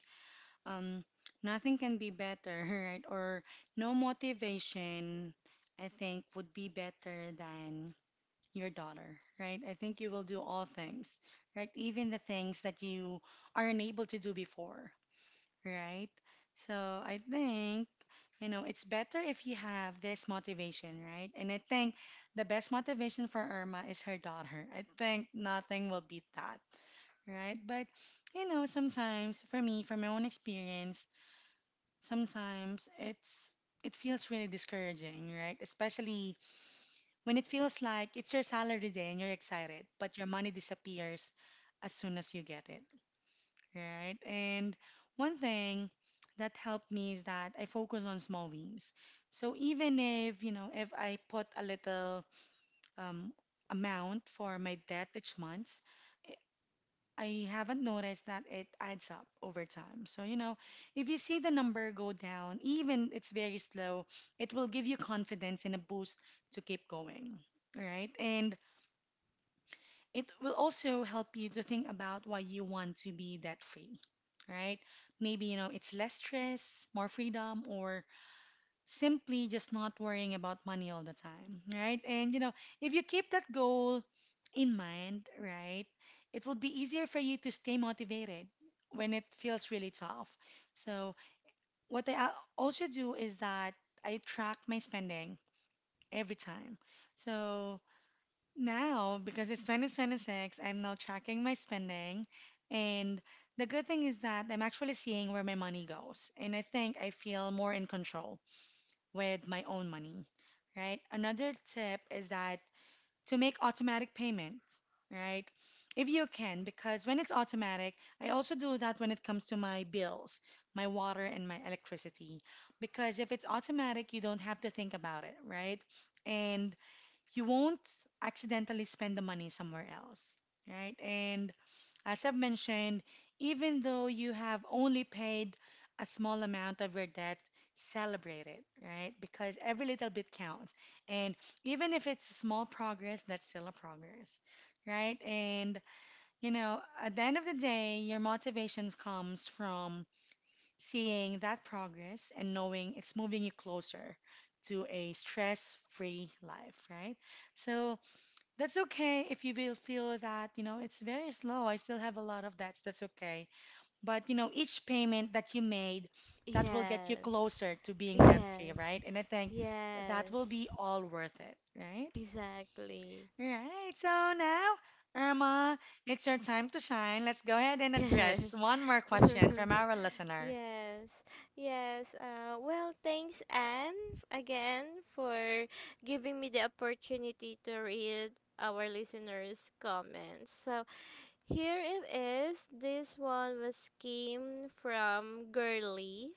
A: um nothing can be better, right? Or no motivation, I think would be better than your daughter, right? I think you will do all things, right? Even the things that you are unable to do before, right? So I think, you know, it's better if you have this motivation, right? And I think the best motivation for Irma is her daughter. I think nothing will beat that, right? But, you know, sometimes for me, from my own experience, sometimes it feels really discouraging, right? Especially when it feels like it's your salary day and you're excited, but your money disappears as soon as you get it right? And one thing that helped me is that I focus on small wins. So even if, you know, if I put a little um, amount for my debt each month, I haven't noticed that it adds up over time. So, you know, if you see the number go down, even it's very slow, it will give you confidence and a boost to keep going, right? And it will also help you to think about why you want to be debt free, right? Maybe, you know, it's less stress, more freedom, or simply just not worrying about money all the time, right? And, you know, if you keep that goal in mind, right, it will be easier for you to stay motivated when it feels really tough. So, what I also do is that I track my spending every time. So, now, because it's 2026, I'm now tracking my spending. And the good thing is that I'm actually seeing where my money goes. And I think I feel more in control with my own money, right? Another tip is that to make automatic payments, right? If you can, because when it's automatic, I also do that when it comes to my bills, my water, and my electricity. Because if it's automatic, you don't have to think about it, right? And you won't accidentally spend the money somewhere else, right? And as I've mentioned, even though you have only paid a small amount of your debt, celebrate it, right? Because every little bit counts. And even if it's small progress, that's still a progress, right? And, you know, at the end of the day, your motivations comes from seeing that progress and knowing it's moving you closer to a stress-free life, right? So, that's okay if you will feel that, you know, it's very slow. I still have a lot of debts. That's okay. But, you know, each payment that you made, that will get you
B: Yes.
A: closer to being debt free,
B: Yes.
A: right? And I think that
B: Yes.
A: will be all worth it, right?
B: Exactly.
A: All right. So now, Irma, it's your time to shine. Let's go ahead and
B: Yes.
A: address one more question from our listener.
B: Yes. Yes. Well, thanks, Anne, again for giving me the opportunity to read our listeners' comments. So, here it is. This one was came from Girly.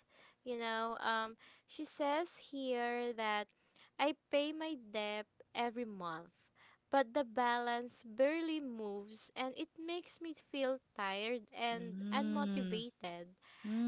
B: You know, she says here that I pay my debt every month, but the balance barely moves and it makes me feel tired and
A: Mm,
B: unmotivated.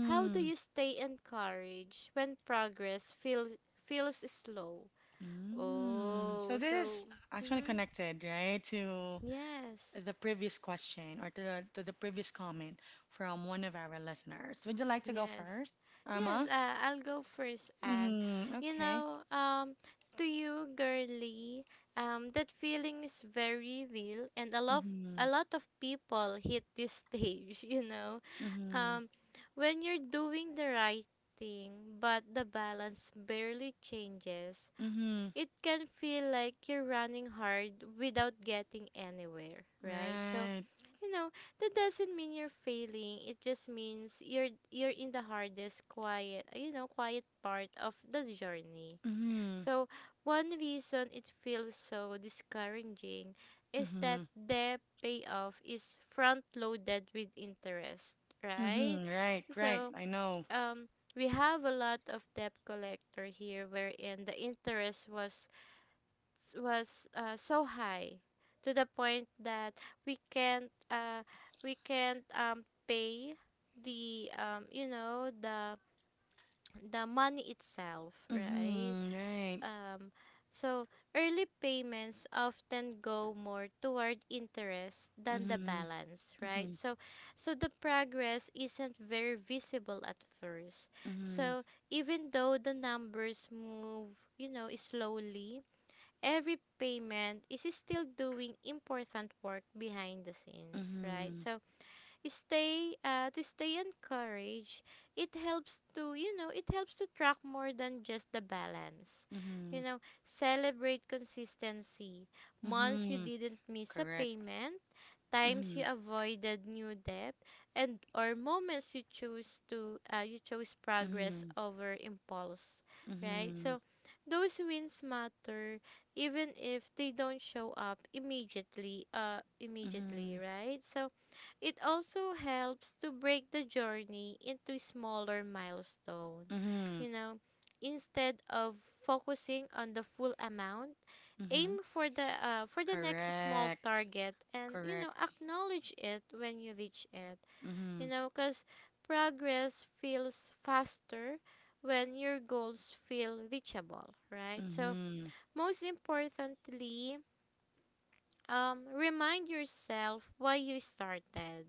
B: How do you stay encouraged when progress feels feels slow?
A: mm. So
B: Oh,
A: this is
B: so
A: actually
B: mm-hmm.
A: connected, right, to
B: Yes.
A: the previous question or to the previous comment from one of our listeners. Would you like to go
B: Yes.
A: first,
B: Yes,
A: Irma?
B: I'll go first, and
A: Mm-hmm.
B: you
A: Okay.
B: know, to you, Girly, that feeling is very real, and
A: Mm-hmm.
B: a lot of people hit this stage, you know.
A: Mm-hmm.
B: Um, when you're doing the right thing but the balance barely changes,
A: Mm-hmm.
B: it can feel like you're running hard without getting anywhere, right? So,
A: Right.
B: you know, that doesn't mean you're failing. It just means you're in the hardest quiet, you know, quiet part of the journey.
A: Mm-hmm.
B: So, one reason it feels so discouraging is that
A: Mm-hmm.
B: the payoff is front loaded with interest, right?
A: Mm-hmm. Right. Right.
B: So,
A: I know.
B: um we have a lot of debt collector here wherein the interest was so high, to the point that we can't uh, we can't, pay the you know, the money itself, right?
A: Mm-hmm. Right.
B: Um, so early payments often go more toward interest than the
A: Mm-hmm.
B: balance, right?
A: Mm-hmm.
B: So, so the progress isn't very visible at first.
A: Mm-hmm.
B: So even though the numbers move, you know, slowly, every payment is still doing important work behind the scenes, right?
A: Mm-hmm.
B: So, stay to stay encouraged, it helps to, you know, it helps to track more than just the balance,
A: Mm-hmm.
B: you know, celebrate consistency, months you
A: Mm-hmm.
B: didn't miss a
A: Correct.
B: payment, times you
A: Mm-hmm.
B: avoided new debt, and or moments you choose to you chose progress
A: Mm-hmm.
B: over impulse, right?
A: Mm-hmm.
B: So those wins matter, even if they don't show up immediately, immediately,
A: Mm-hmm.
B: right? So it also helps to break the journey into smaller milestone.
A: Mm-hmm.
B: You know, instead of focusing on the full amount,
A: Mm-hmm.
B: aim for the next small
A: Correct.
B: target and, you know,
A: Correct.
B: acknowledge it when you reach it. You
A: Mhm.
B: know, cuz progress feels faster when your goals feel reachable, right? So,
A: Mhm.
B: most importantly, remind yourself why you started.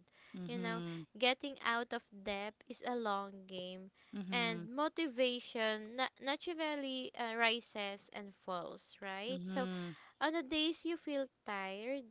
B: You know,
A: Mhm.
B: getting out of debt is a long game, and
A: Mhm.
B: motivation naturally rises and falls, right? So
A: Mhm.
B: on the days you feel tired,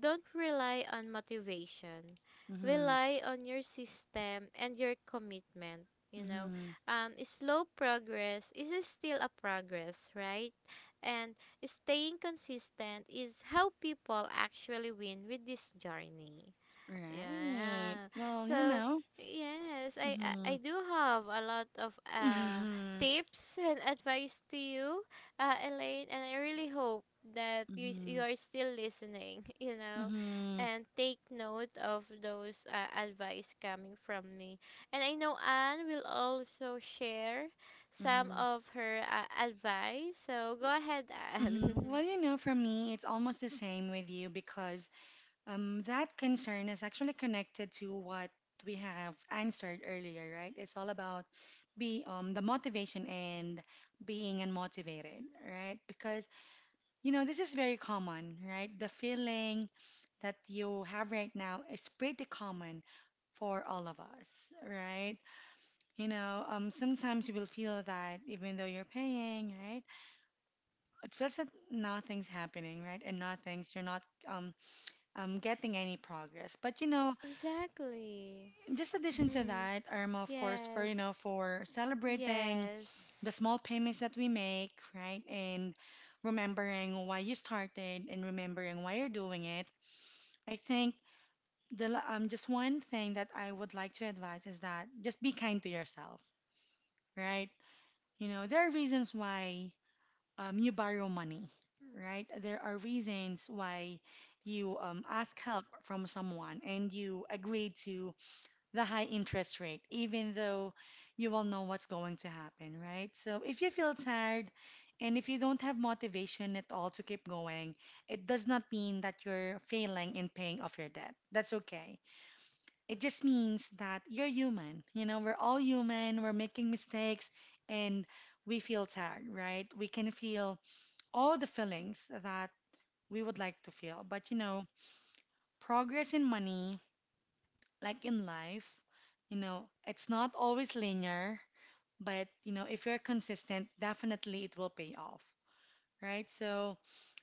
B: don't rely on motivation.
A: Mhm.
B: Rely on your system and your commitment. You know,
A: Mhm.
B: slow progress is still a progress, right? And staying consistent is how people actually win with this journey.
A: Right.
B: Yeah.
A: Well, you
B: So
A: know.
B: yes, I
A: Mhm.
B: do have a lot of
A: Mhm.
B: tips and advice to you, Elaine, and I really hope that you
A: Mhm.
B: are still listening, you know,
A: Mhm.
B: and take note of those advice coming from me. And I know Anne will also share some
A: Mhm.
B: of her advice. So go ahead, Anne.
A: Mhm. Well, you know, for me, it's almost the same with you because that concern is actually connected to what we have answered earlier, right? It's all about be the motivation and being unmotivated, right? Because you know, this is very common, right? The feeling that you have right now is pretty common for all of us, right? You know, sometimes you will feel that even though you're paying, right, it feels that nothing's happening, right, and nothing's you're not um, getting any progress. But you know,
B: Exactly.
A: just addition to
B: Hmm.
A: that, Irma, of course, for you
B: Yes.
A: know, for celebrating
B: Yes.
A: the small payments that we make, right, and remembering why you started and remembering why you're doing it, I think just one thing that I would like to advise is that just be kind to yourself, right? You know, there are reasons why you borrow money, right? There are reasons why you ask help from someone and you agree to the high interest rate, even though you all know what's going to happen, right? So if you feel tired and if you don't have motivation at all to keep going, it does not mean that you're failing in paying off your debt. That's okay, it just means that you're human. You know, we're all human, we're making mistakes, and we feel tired, right? We can feel all the feelings that we would like to feel. But, you know, progress in money, like in life, you know, it's not always linear, but, you know, if you're consistent, definitely it will pay off, right? So,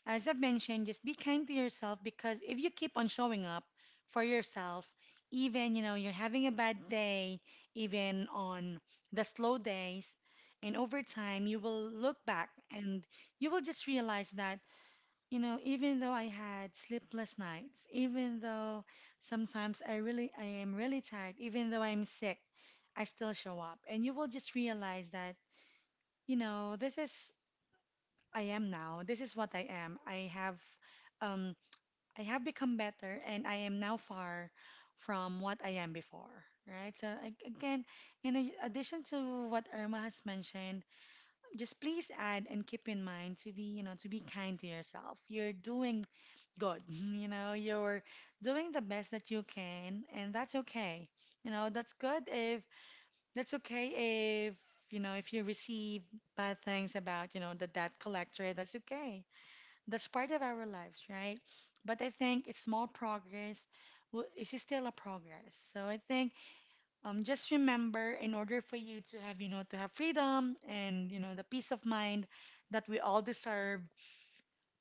A: as I've mentioned, just be kind to yourself because if you keep on showing up for yourself, even you know you're having a bad day, even on the slow days, and over time you will look back and you will just realize that, you know, even though I had sleepless nights, even though sometimes I am really tired, even though I'm sick, I still show up, and you will just realize that, you know, this is I am now. This is what I am. Um, I have become better and I am now far from what I am before, right? So, again, in addition to what Irma has mentioned, just please add and keep in mind to be, you know, to be kind to yourself. You're doing good, you know, you're doing the best that you can, and that's okay. You know, that's okay if, you know, if you receive bad things about, you know, the debt collector, that's okay, that's part of our lives, right? But I think it's small progress is still a progress. So I think just remember, in order for you to have, you know, to have freedom and, you know, the peace of mind that we all deserve,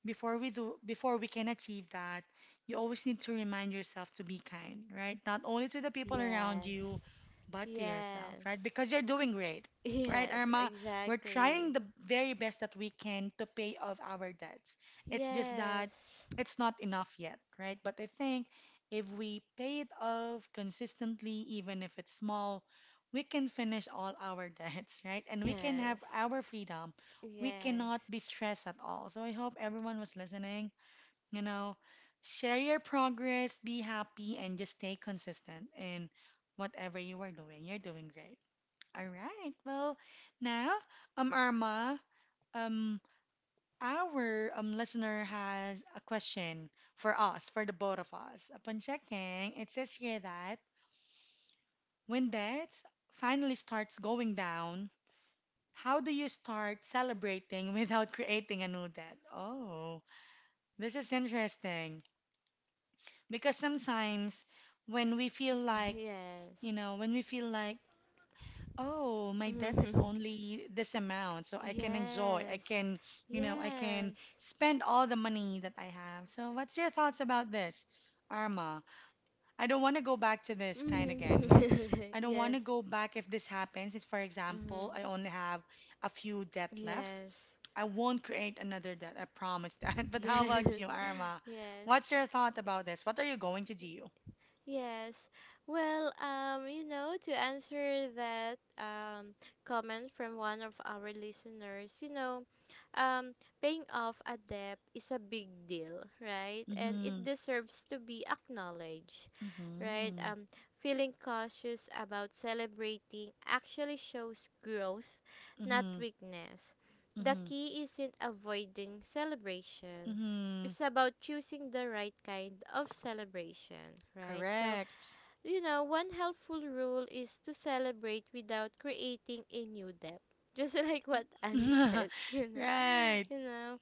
A: before we can achieve that, you always need to remind yourself to be kind, right? Not only to the people around you
B: Yes.
A: but to yourself,
B: Yes.
A: right? Because you're doing great, right,
B: Yes,
A: Irma? We're trying
B: exactly.
A: the very best that we can to pay off our
B: Yes.
A: debts. It's just that
B: Yes.
A: it's not enough yet, right? But I think if we
B: Yes.
A: pay it off consistently, even if it's small, we can finish all our debts, right? And we can have
B: Yes.
A: our freedom, we cannot
B: Yes.
A: be stressed at all. So I hope everyone was listening. You know, share your progress, be happy, and just stay consistent in whatever you are doing. You're doing great. All right. Well, now, Irma, um, our listener has a question for us, for the both of us. Upon checking, it says here that when debt finally starts going down, how do you start celebrating without creating a new debt? Oh. This is interesting because sometimes when we feel like,
B: Yes.
A: when we feel like, oh, my debt is only this amount, so I can enjoy,
B: Yes.
A: I can
B: Yes.
A: spend all the money that I have. So, what's your thoughts about this, Arma? I don't want to go back to this kind again.
B: Mhm.
A: I don't want
B: Yes.
A: to go back if this happens. If, for example,
B: Mhm.
A: I only have a few debt left,
B: Yes.
A: I won't create another debt. I promise that. But how about you,
B: Yes.
A: Arma?
B: Yes.
A: What's your thought about this? What are you going to do?
B: Yes. Well, you know, to answer that comment from one of our listeners, you know, um paying off a debt is a big deal, right? And it
A: Mm-hmm.
B: deserves to be acknowledged, right?
A: Mm-hmm.
B: Feeling cautious about celebrating actually shows growth, not
A: Mm-hmm.
B: weakness. The
A: Mm-hmm.
B: key isn't avoiding celebration.
A: Mm-hmm.
B: It's about choosing the right kind of celebration, right? So,
A: Correct.
B: you know, one helpful rule is to celebrate without creating a new debt. Just like what Anne said, you know,
A: Right.
B: you know.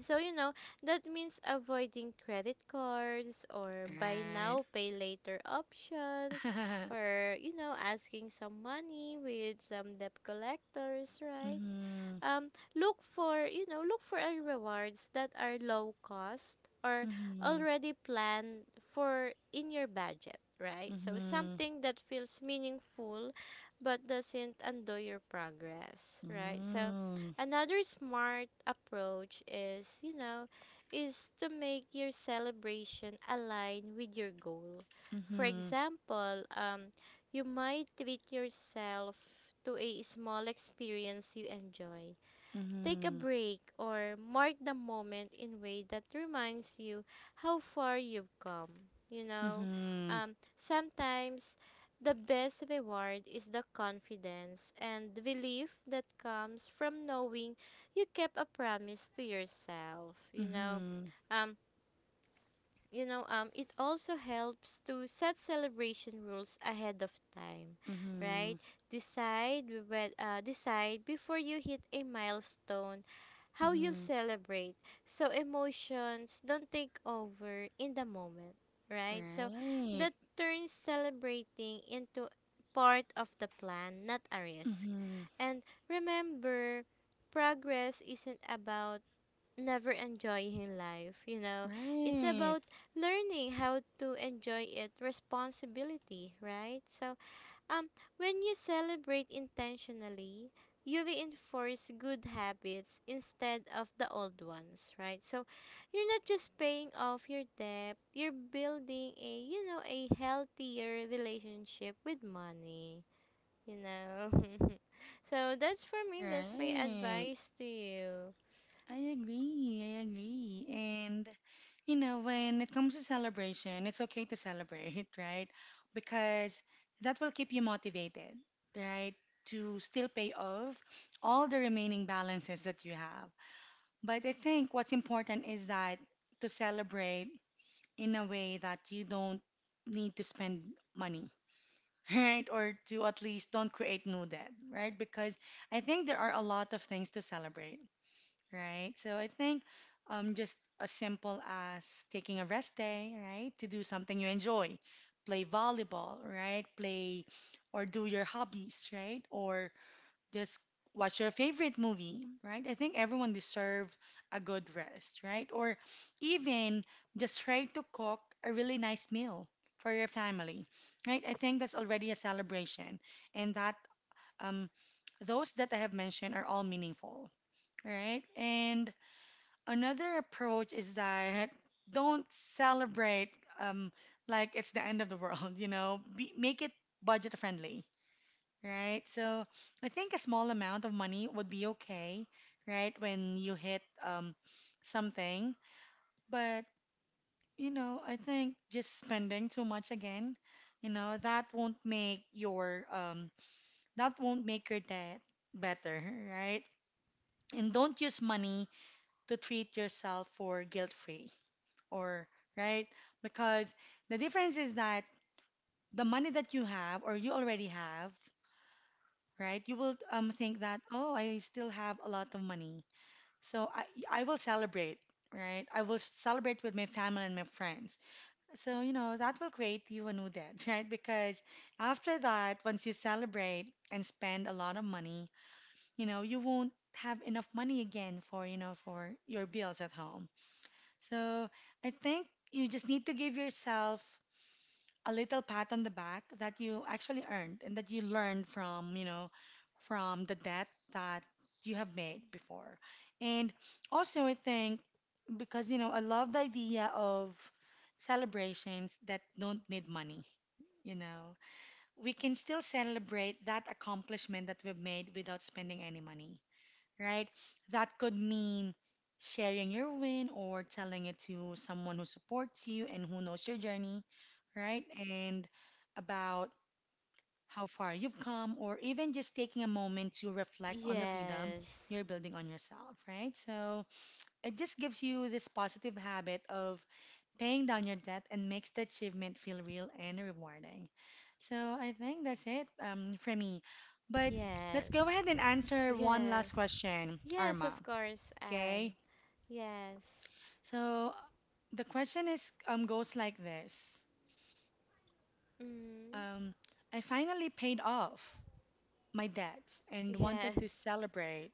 B: So you know that means avoiding credit cards or buy
A: Right.
B: now pay later options, or you know asking some money with some debt collectors, right?
A: Mm-hmm.
B: Look for, you know, look for a rewards that are low cost or
A: Mm-hmm.
B: already planned for in your budget, right? So
A: Mm-hmm.
B: something that feels meaningful but doesn't undo your progress, right? So another smart approach is, you know, is to make your celebration align with your goal. For
A: Mm-hmm.
B: example, you might treat yourself to a small experience you enjoy. Take a
A: Mhm.
B: break or mark the moment in way that reminds you how far you've come. You know,
A: Mhm.
B: sometimes the best reward is the confidence and the belief that comes from knowing you kept a promise to yourself. You know,
A: Mhm.
B: um, you know, it also helps to set celebration rules ahead of time, right?
A: Mhm.
B: Decide before you hit a milestone how you'll
A: Mhm.
B: celebrate, so emotions don't take over in the moment, right? So
A: Right.
B: that turns celebrating into part of the plan, not a risk.
A: Mhm.
B: And remember, progress isn't about never enjoying life, you know. It's
A: Right.
B: about learning how to enjoy it responsibility, right? So um when you celebrate intentionally, you reinforce good habits instead of the old ones, right? So you're not just paying off your debt, you're building a, you know, a healthier relationship with money, you know. So that's for me, that's my
A: Right.
B: advice to you.
A: I agree. I agree. And you know, when it comes to celebration, it's okay to celebrate, right? Because that will keep you motivated, right? To still pay off all the remaining balances that you have. But I think what's important is that to celebrate in a way that you don't need to spend money, right? Or to at least don't create new debt, right? Because I think there are a lot of things to celebrate, right? So I think just as simple as taking a rest day, right? To do something you enjoy, play volleyball, right? Play or do your hobbies, right? Or just watch your favorite movie, right? I think everyone deserve a good rest, right? Or even just try to cook a really nice meal for your family, right? I think that's already a celebration, and that um, those that I have mentioned are all meaningful, right? And another approach is that don't celebrate um, like it's the end of the world, you know, be, make it budget friendly, right? So I think a small amount of money would be okay, right? When you hit something. But, you know, I think just spending too much again, you know, that won't make your debt better, right? And don't use money to treat yourself for guilt-free or, right? Because the difference is that the money that you have or you already have, right? You will think that, oh, I still have a lot of money. So I will celebrate, right? I will celebrate with my family and my friends. So, you know, that will create you a new debt, right? Because after that, once you celebrate and spend a lot of money, you know, you won't have enough money again for, you know, for your bills at home. So I think you just need to give yourself a little pat on the back that you actually earned and that you learned from, you know, from the debt that you have made before. And also, I think because, you know, I love the idea of celebrations that don't need money. You know, we can still celebrate that accomplishment that we've made without spending any money, right? That could mean sharing your win or telling it to someone who supports you and who knows your journey, right? And about how far you've come, or even just taking a moment to reflect on the freedom
B: Yes.
A: you're building on yourself, right? So it just gives you this positive habit of paying down your debt and makes the achievement feel real and rewarding. So I think that's it, for me. But let's go
B: Yes.
A: ahead and answer one last
B: Yes.
A: question,
B: Yes,
A: Arma.
B: of course, and
A: Okay.
B: yes.
A: So the question is goes like this.
B: Mm.
A: Um, I finally paid off my debts and wanted
B: Yes.
A: to celebrate,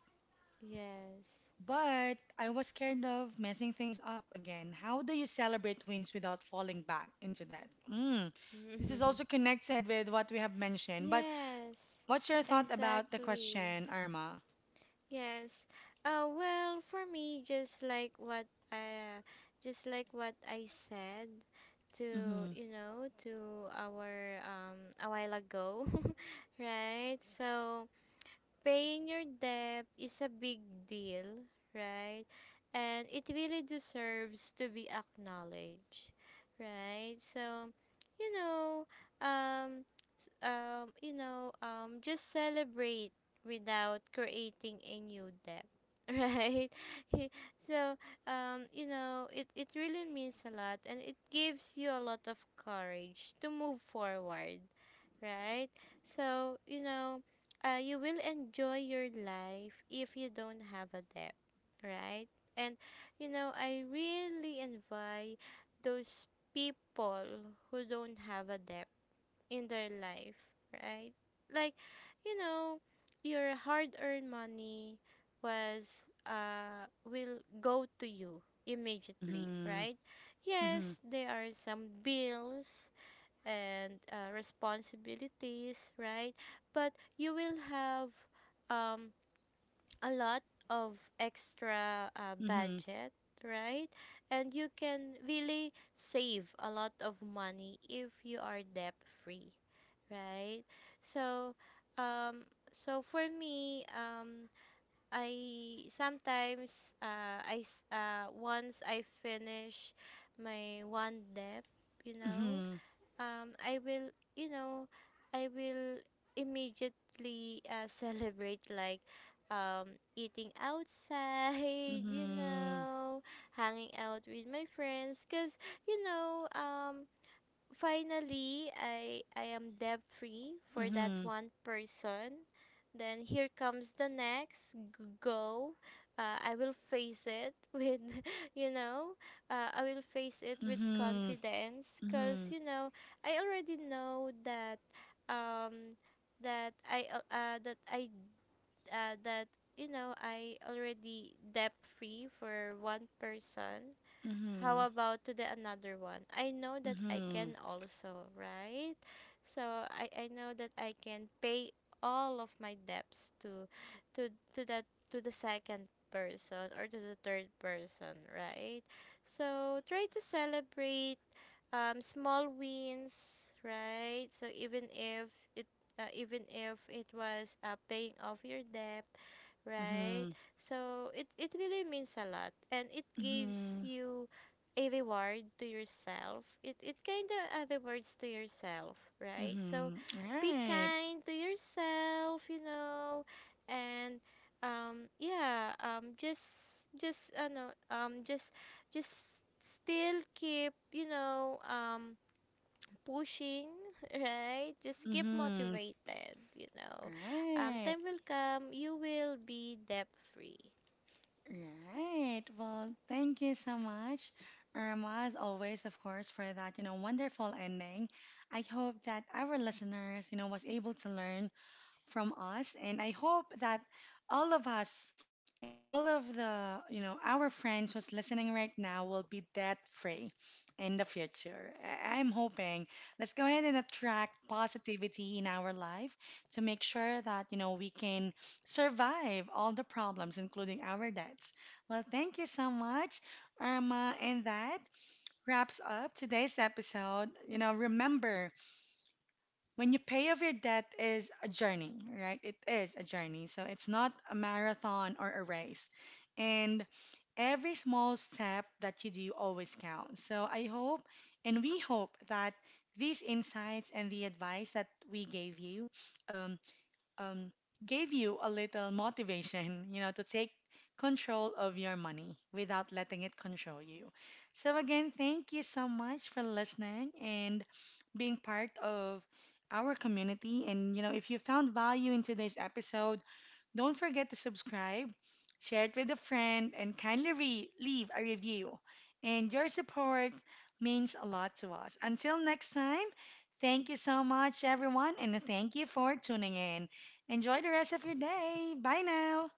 B: Yes.
A: but I was scared of messing things up again. How do you celebrate wins without falling back into that? Mm. This is
B: Mhm.
A: also connected with what we have mentioned, but
B: Yes.
A: what's your thought about the
B: Exactly.
A: question, Irma?
B: Yes. Well, for me, just like what I said to,
A: Mm-hmm.
B: you know, to our a while ago, right? So, paying your debt is a big deal, right? And it really deserves to be acknowledged, right? So, you know, um, you know, just celebrate without creating a new debt, right? So, you know, it really means a lot and it gives you a lot of courage to move forward, right? So, you know, you will enjoy your life if you don't have a debt, right? And, you know, I really envy those people who don't have a debt in their life, right? Like, you know, your hard-earned money was will go to you immediately,
A: Mm-hmm.
B: right?
A: Mm-hmm.
B: Yes, there are some bills and responsibilities, right? But you will have um a lot of extra
A: Mm-hmm.
B: budget, right? And you can really save a lot of money if you are debt free, right? So um so for me, I sometimes once I finish my one debt, you know,
A: Mm-hmm.
B: I will, you know, I will immediately celebrate, like, um, eating outside, you
A: Mm-hmm.
B: know, hanging out with my friends, cause you know, finally I am debt free for that
A: Mm-hmm.
B: one person. Then here comes the next go. I will face it with, you know, I will face it with
A: Mm-hmm.
B: confidence,
A: Mm-hmm.
B: because you know I already know that um that I al- that I that you know I already debt free for one person. How
A: Mhm.
B: about to the another one? I know that I
A: Mhm.
B: can also, right? So I know that I can pay all of my debts to to that, to the second person or to the third person, right? So try to celebrate small wins, right? So it even if it was paying off your debt, right?
A: Mhm.
B: So it really means a lot and it gives
A: Mhm.
B: you a reward to yourself. It kind of other words to yourself, right? So
A: Mhm.
B: be
A: Right.
B: kind to yourself, you know, and yeah, just no, just still keep, you know, pushing, right? Just keep
A: Mhm. S-
B: motivated, you know.
A: Right.
B: Time will come, you will be debt free.
A: Right. Well, thank you so much, Irma, as always, of course, for that, you know, wonderful ending. I hope that our listeners, you know, was able to learn from us, and I hope that all of us, and all of the, you know, our friends who's listening right now will be debt free in the future. I'm hoping let's go ahead and attract positivity in our life to make sure that, you know, we can survive all the problems, including our debts. Well, thank you so much, Irma. And that wraps up today's episode. You know, remember, when you pay off your debt is a journey, right? It is a journey. So it's not a marathon or a race. And every small step that you do always counts. So I hope and we hope that these insights and the advice that we um, um, gave you a little motivation, you know, to take control of your money without letting it control you. So, again, thank you so much for listening and being part of our community. And, you know, if you found value in today's episode, don't forget to subscribe, share it with a friend, and kindly leave a review. And your support means a lot to us. Until next time, thank you so much, everyone, and thank you for tuning in. Enjoy the rest of your day. Bye now.